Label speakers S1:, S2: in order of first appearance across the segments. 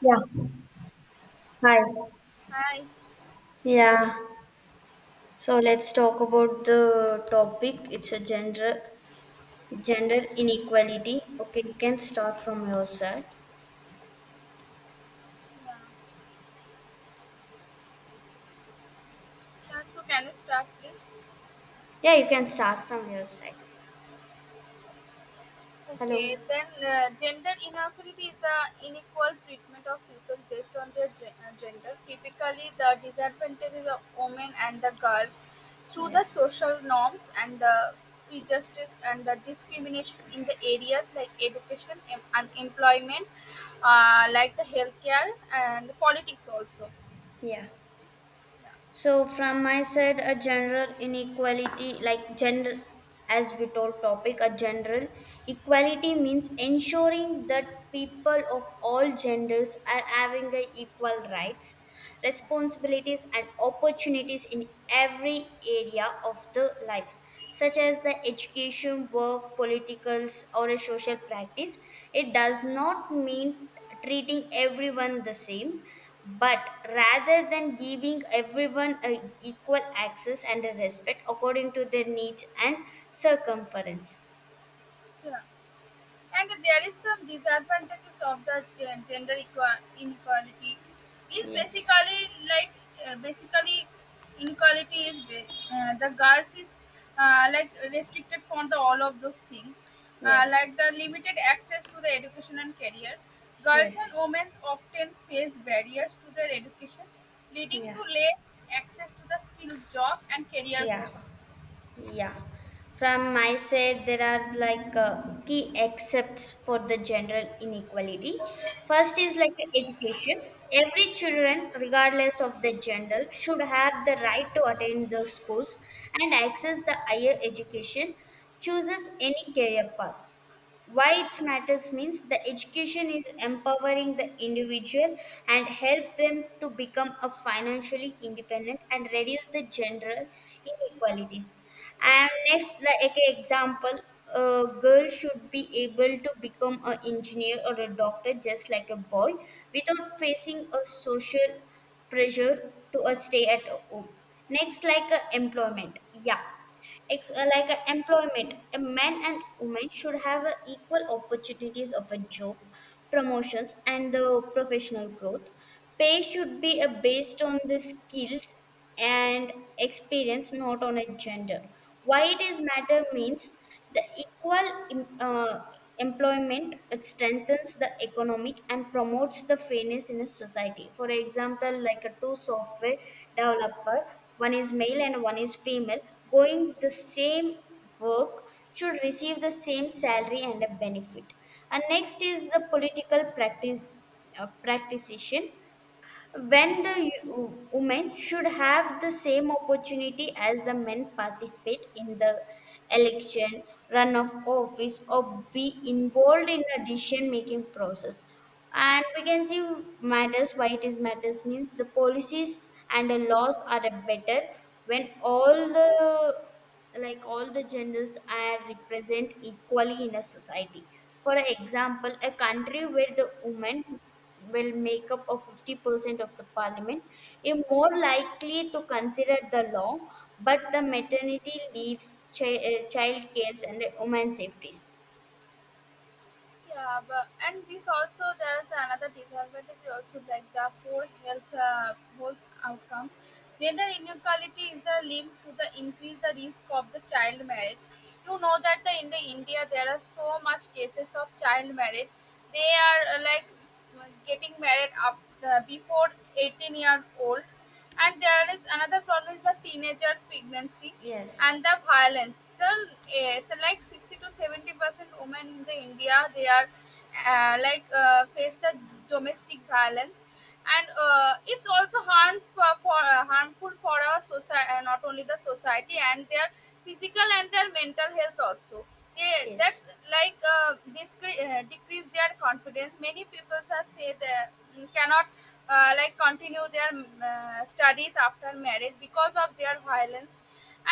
S1: Yeah. Hi.
S2: Hi.
S1: Yeah, so let's talk about the topic. It's a gender inequality. Okay, you can start from your side.
S2: Can you start, please?
S1: Yeah, you can start from your side.
S2: Okay.
S1: Hello.
S2: Gender inequality is the unequal treatment of people based on their gender. Typically, the disadvantages of women and the girls through the
S1: Yes.
S2: social norms and the prejudice and the discrimination in the areas like education, unemployment, like the healthcare and politics also.
S1: Yeah. So from my side, a general inequality, like general, as we told topic, a general equality means ensuring that people of all genders are having a equal rights, responsibilities and opportunities in every area of the life, such as the education, work, politicals or a social practice. It does not mean treating everyone the same but rather than giving everyone a equal access and a respect according to their needs and circumference.
S2: Yeah. And there is some disadvantages of the gender inequality is
S1: Yes.
S2: like basically, inequality is, the girls is like restricted from the all of those things,
S1: Yes.
S2: like the limited access to the education and career. Girls
S1: Yes.
S2: and women often face barriers to their education, leading
S1: Yeah.
S2: to less access to the skills job and career
S1: Yeah.
S2: growth also.
S1: Yeah. From my side, there are like key excepts for the general inequality. First is like education. Every children, regardless of their gender, should have the right to attend the schools and access the higher education, chooses any career path. Why it matters means the education is empowering the individual and help them to become a financially independent and reduce the general inequalities. And next like a example, a girl should be able to become an engineer or a doctor just like a boy without facing a social pressure to a stay at home. Next like a employment. Yeah, it's like a employment. A man and woman should have equal opportunities of a job, promotions, and the professional growth. Pay should be based on the skills and experience, not on a gender. Why it is matter means the employment it strengthens the economic and promotes the fairness in a society. For example, like a two software developer, one is male and one is female, going the same work should receive the same salary and a benefit. And next is the political practice, practitioner, when the women should have the same opportunity as the men participate in the election, run of office or be involved in the decision making process. And we can see matters, why it is matters means the policies and the laws are better when all the genders are represent equally in a society. For example, a country where the women will make up of 50% of the parliament is more likely to consider the law, but the maternity leaves, child cares, and women's safeties.
S2: Yeah, but and this also there's another disadvantage also like the poor health outcomes. Gender inequality is the link to the increase the risk of the child marriage. You know that the, in the India there are so much cases of child marriage. They are like getting married after before 18-year old, and there is another problem is the teenager pregnancy
S1: Yes,
S2: and the violence. The, it's like 60 to 70% women in the India, they are face the domestic violence. And it's also harmful for harmful for our society, not only the society and their physical and their mental health also. they
S1: yes,
S2: that's like decrease their confidence. Many people are say they, cannot like continue their studies after marriage because of their violence.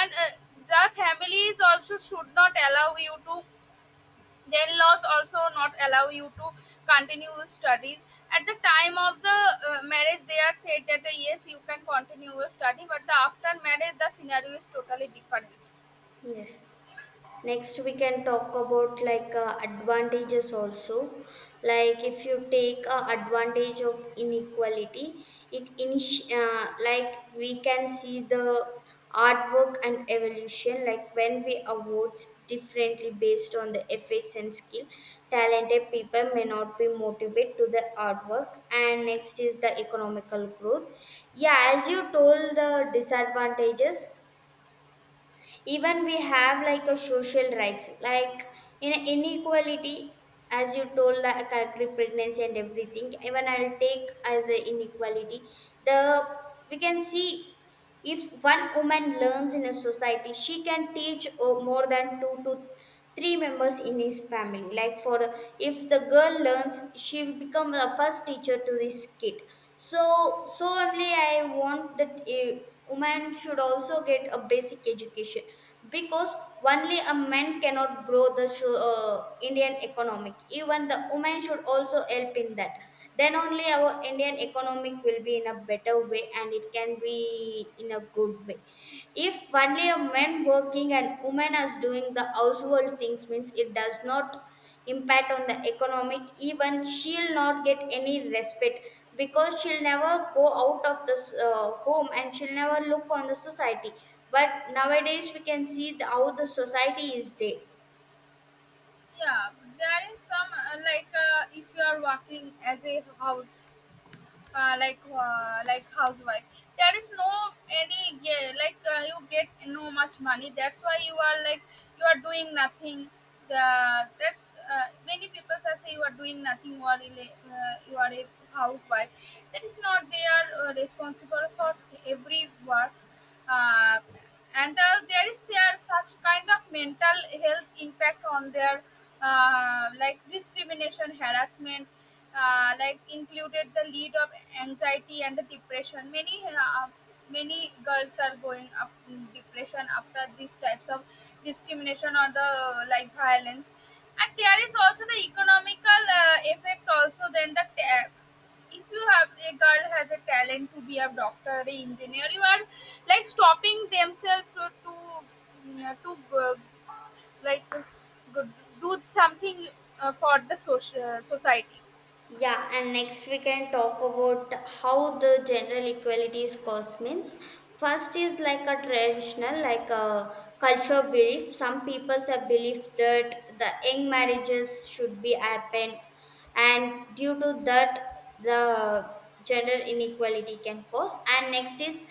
S2: And The families also should not allow you to, then laws also not allow you to continue your studies at the time of the marriage. They are said that yes, you can continue your study, but the after marriage, the scenario is totally different.
S1: yes. Next we can talk about like advantages also. Like if you take advantage of inequality, like we can see the artwork and evolution, like when we awards differently based on the efforts and skill, talented people may not be motivated to the artwork. And next is the economical growth. Yeah, as you told the disadvantages, even we have like a social rights, like in inequality, as you told, like I agree pregnancy and everything, even I'll take as a inequality. The we can see if one woman learns in a society, she can teach more than two to three members in his family. Like for if the girl learns, she will become the first teacher to this kid. So only I want that a woman should also get a basic education, because only a man cannot grow the Indian economic. Even the woman should also help in that, then only our Indian economic will be in a better way and it can be in a good way. If only a man working and woman as doing the household things means it does not impact on the economic, even she'll not get any respect because she'll never go out of the home and she'll never look on the society, but nowadays we can see the, how the society is there.
S2: Yeah, there is some if you are working as a house like housewife, there is no any ga- like you get no much money. That's why you are like you are doing nothing. The that's Many people are say you are doing nothing, you are a housewife. That is not, they are responsible for every work. Uh, and There is there such kind of mental health impact on their like discrimination, harassment, like included the lead of anxiety and the depression. Many girls are going up in depression after these types of discrimination or the like violence. And there is also the economical effect also. If you have a girl has a talent to be a doctor or a engineer, you are like stopping themselves to like uh, do something for the social society,
S1: Yeah, and next we can talk about how the general equality is caused means. First is like a traditional, like a cultural belief. Some people have belief that the young marriages should be happen, and due to that, the gender inequality can cause. And next is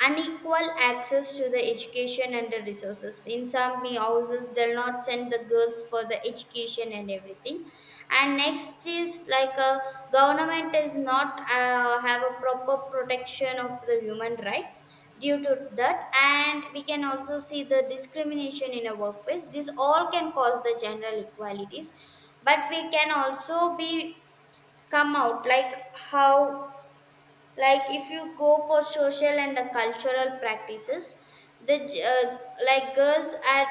S1: unequal access to the education and the resources, in some houses they'll not send the girls for the education and everything. And next is like a government is not have a proper protection of the human rights due to that, and we can also see the discrimination in a workplace. This all can cause the general equalities. But we can also be come out like how, like if you go for social and cultural practices, the like girls are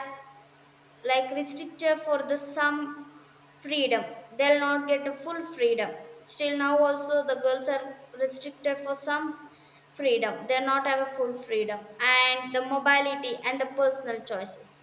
S1: like restricted for the some freedom, they'll not get a full freedom. Still now also the girls are restricted for some freedom, they're not have a full freedom and the mobility and the personal choices.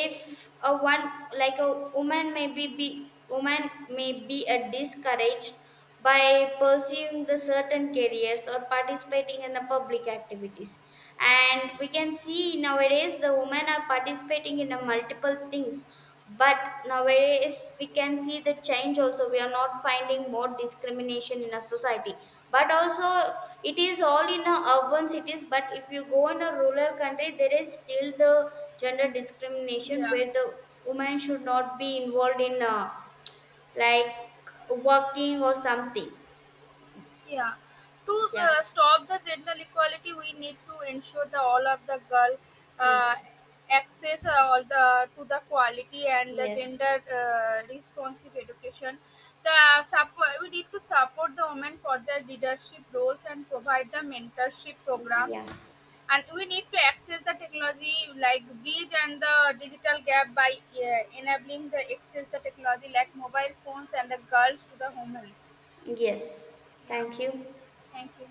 S1: If a one like a woman may be woman may be a discouraged by pursuing the certain careers or participating in the public activities. And we can see nowadays the women are participating in a multiple things, but nowadays we can see the change also, we are not finding more discrimination in a society, but also it is all in a urban cities. But if you go in a rural country there is still the gender discrimination
S2: yeah.
S1: where the woman should not be involved in like working or something.
S2: Yeah, to
S1: Yeah.
S2: stop the gender equality, we need to ensure that all of the girl uh,
S1: Yes.
S2: access all the to the quality and the
S1: Yes.
S2: gender responsive education. The support, we need to support the women for their leadership roles and provide the mentorship
S1: Yeah.
S2: programs. And we need to access the technology like bridge and the digital gap by enabling the access the technology like mobile phones and the girls to the homes.
S1: Yes.
S2: Yeah,
S1: Thank you.
S2: thank you.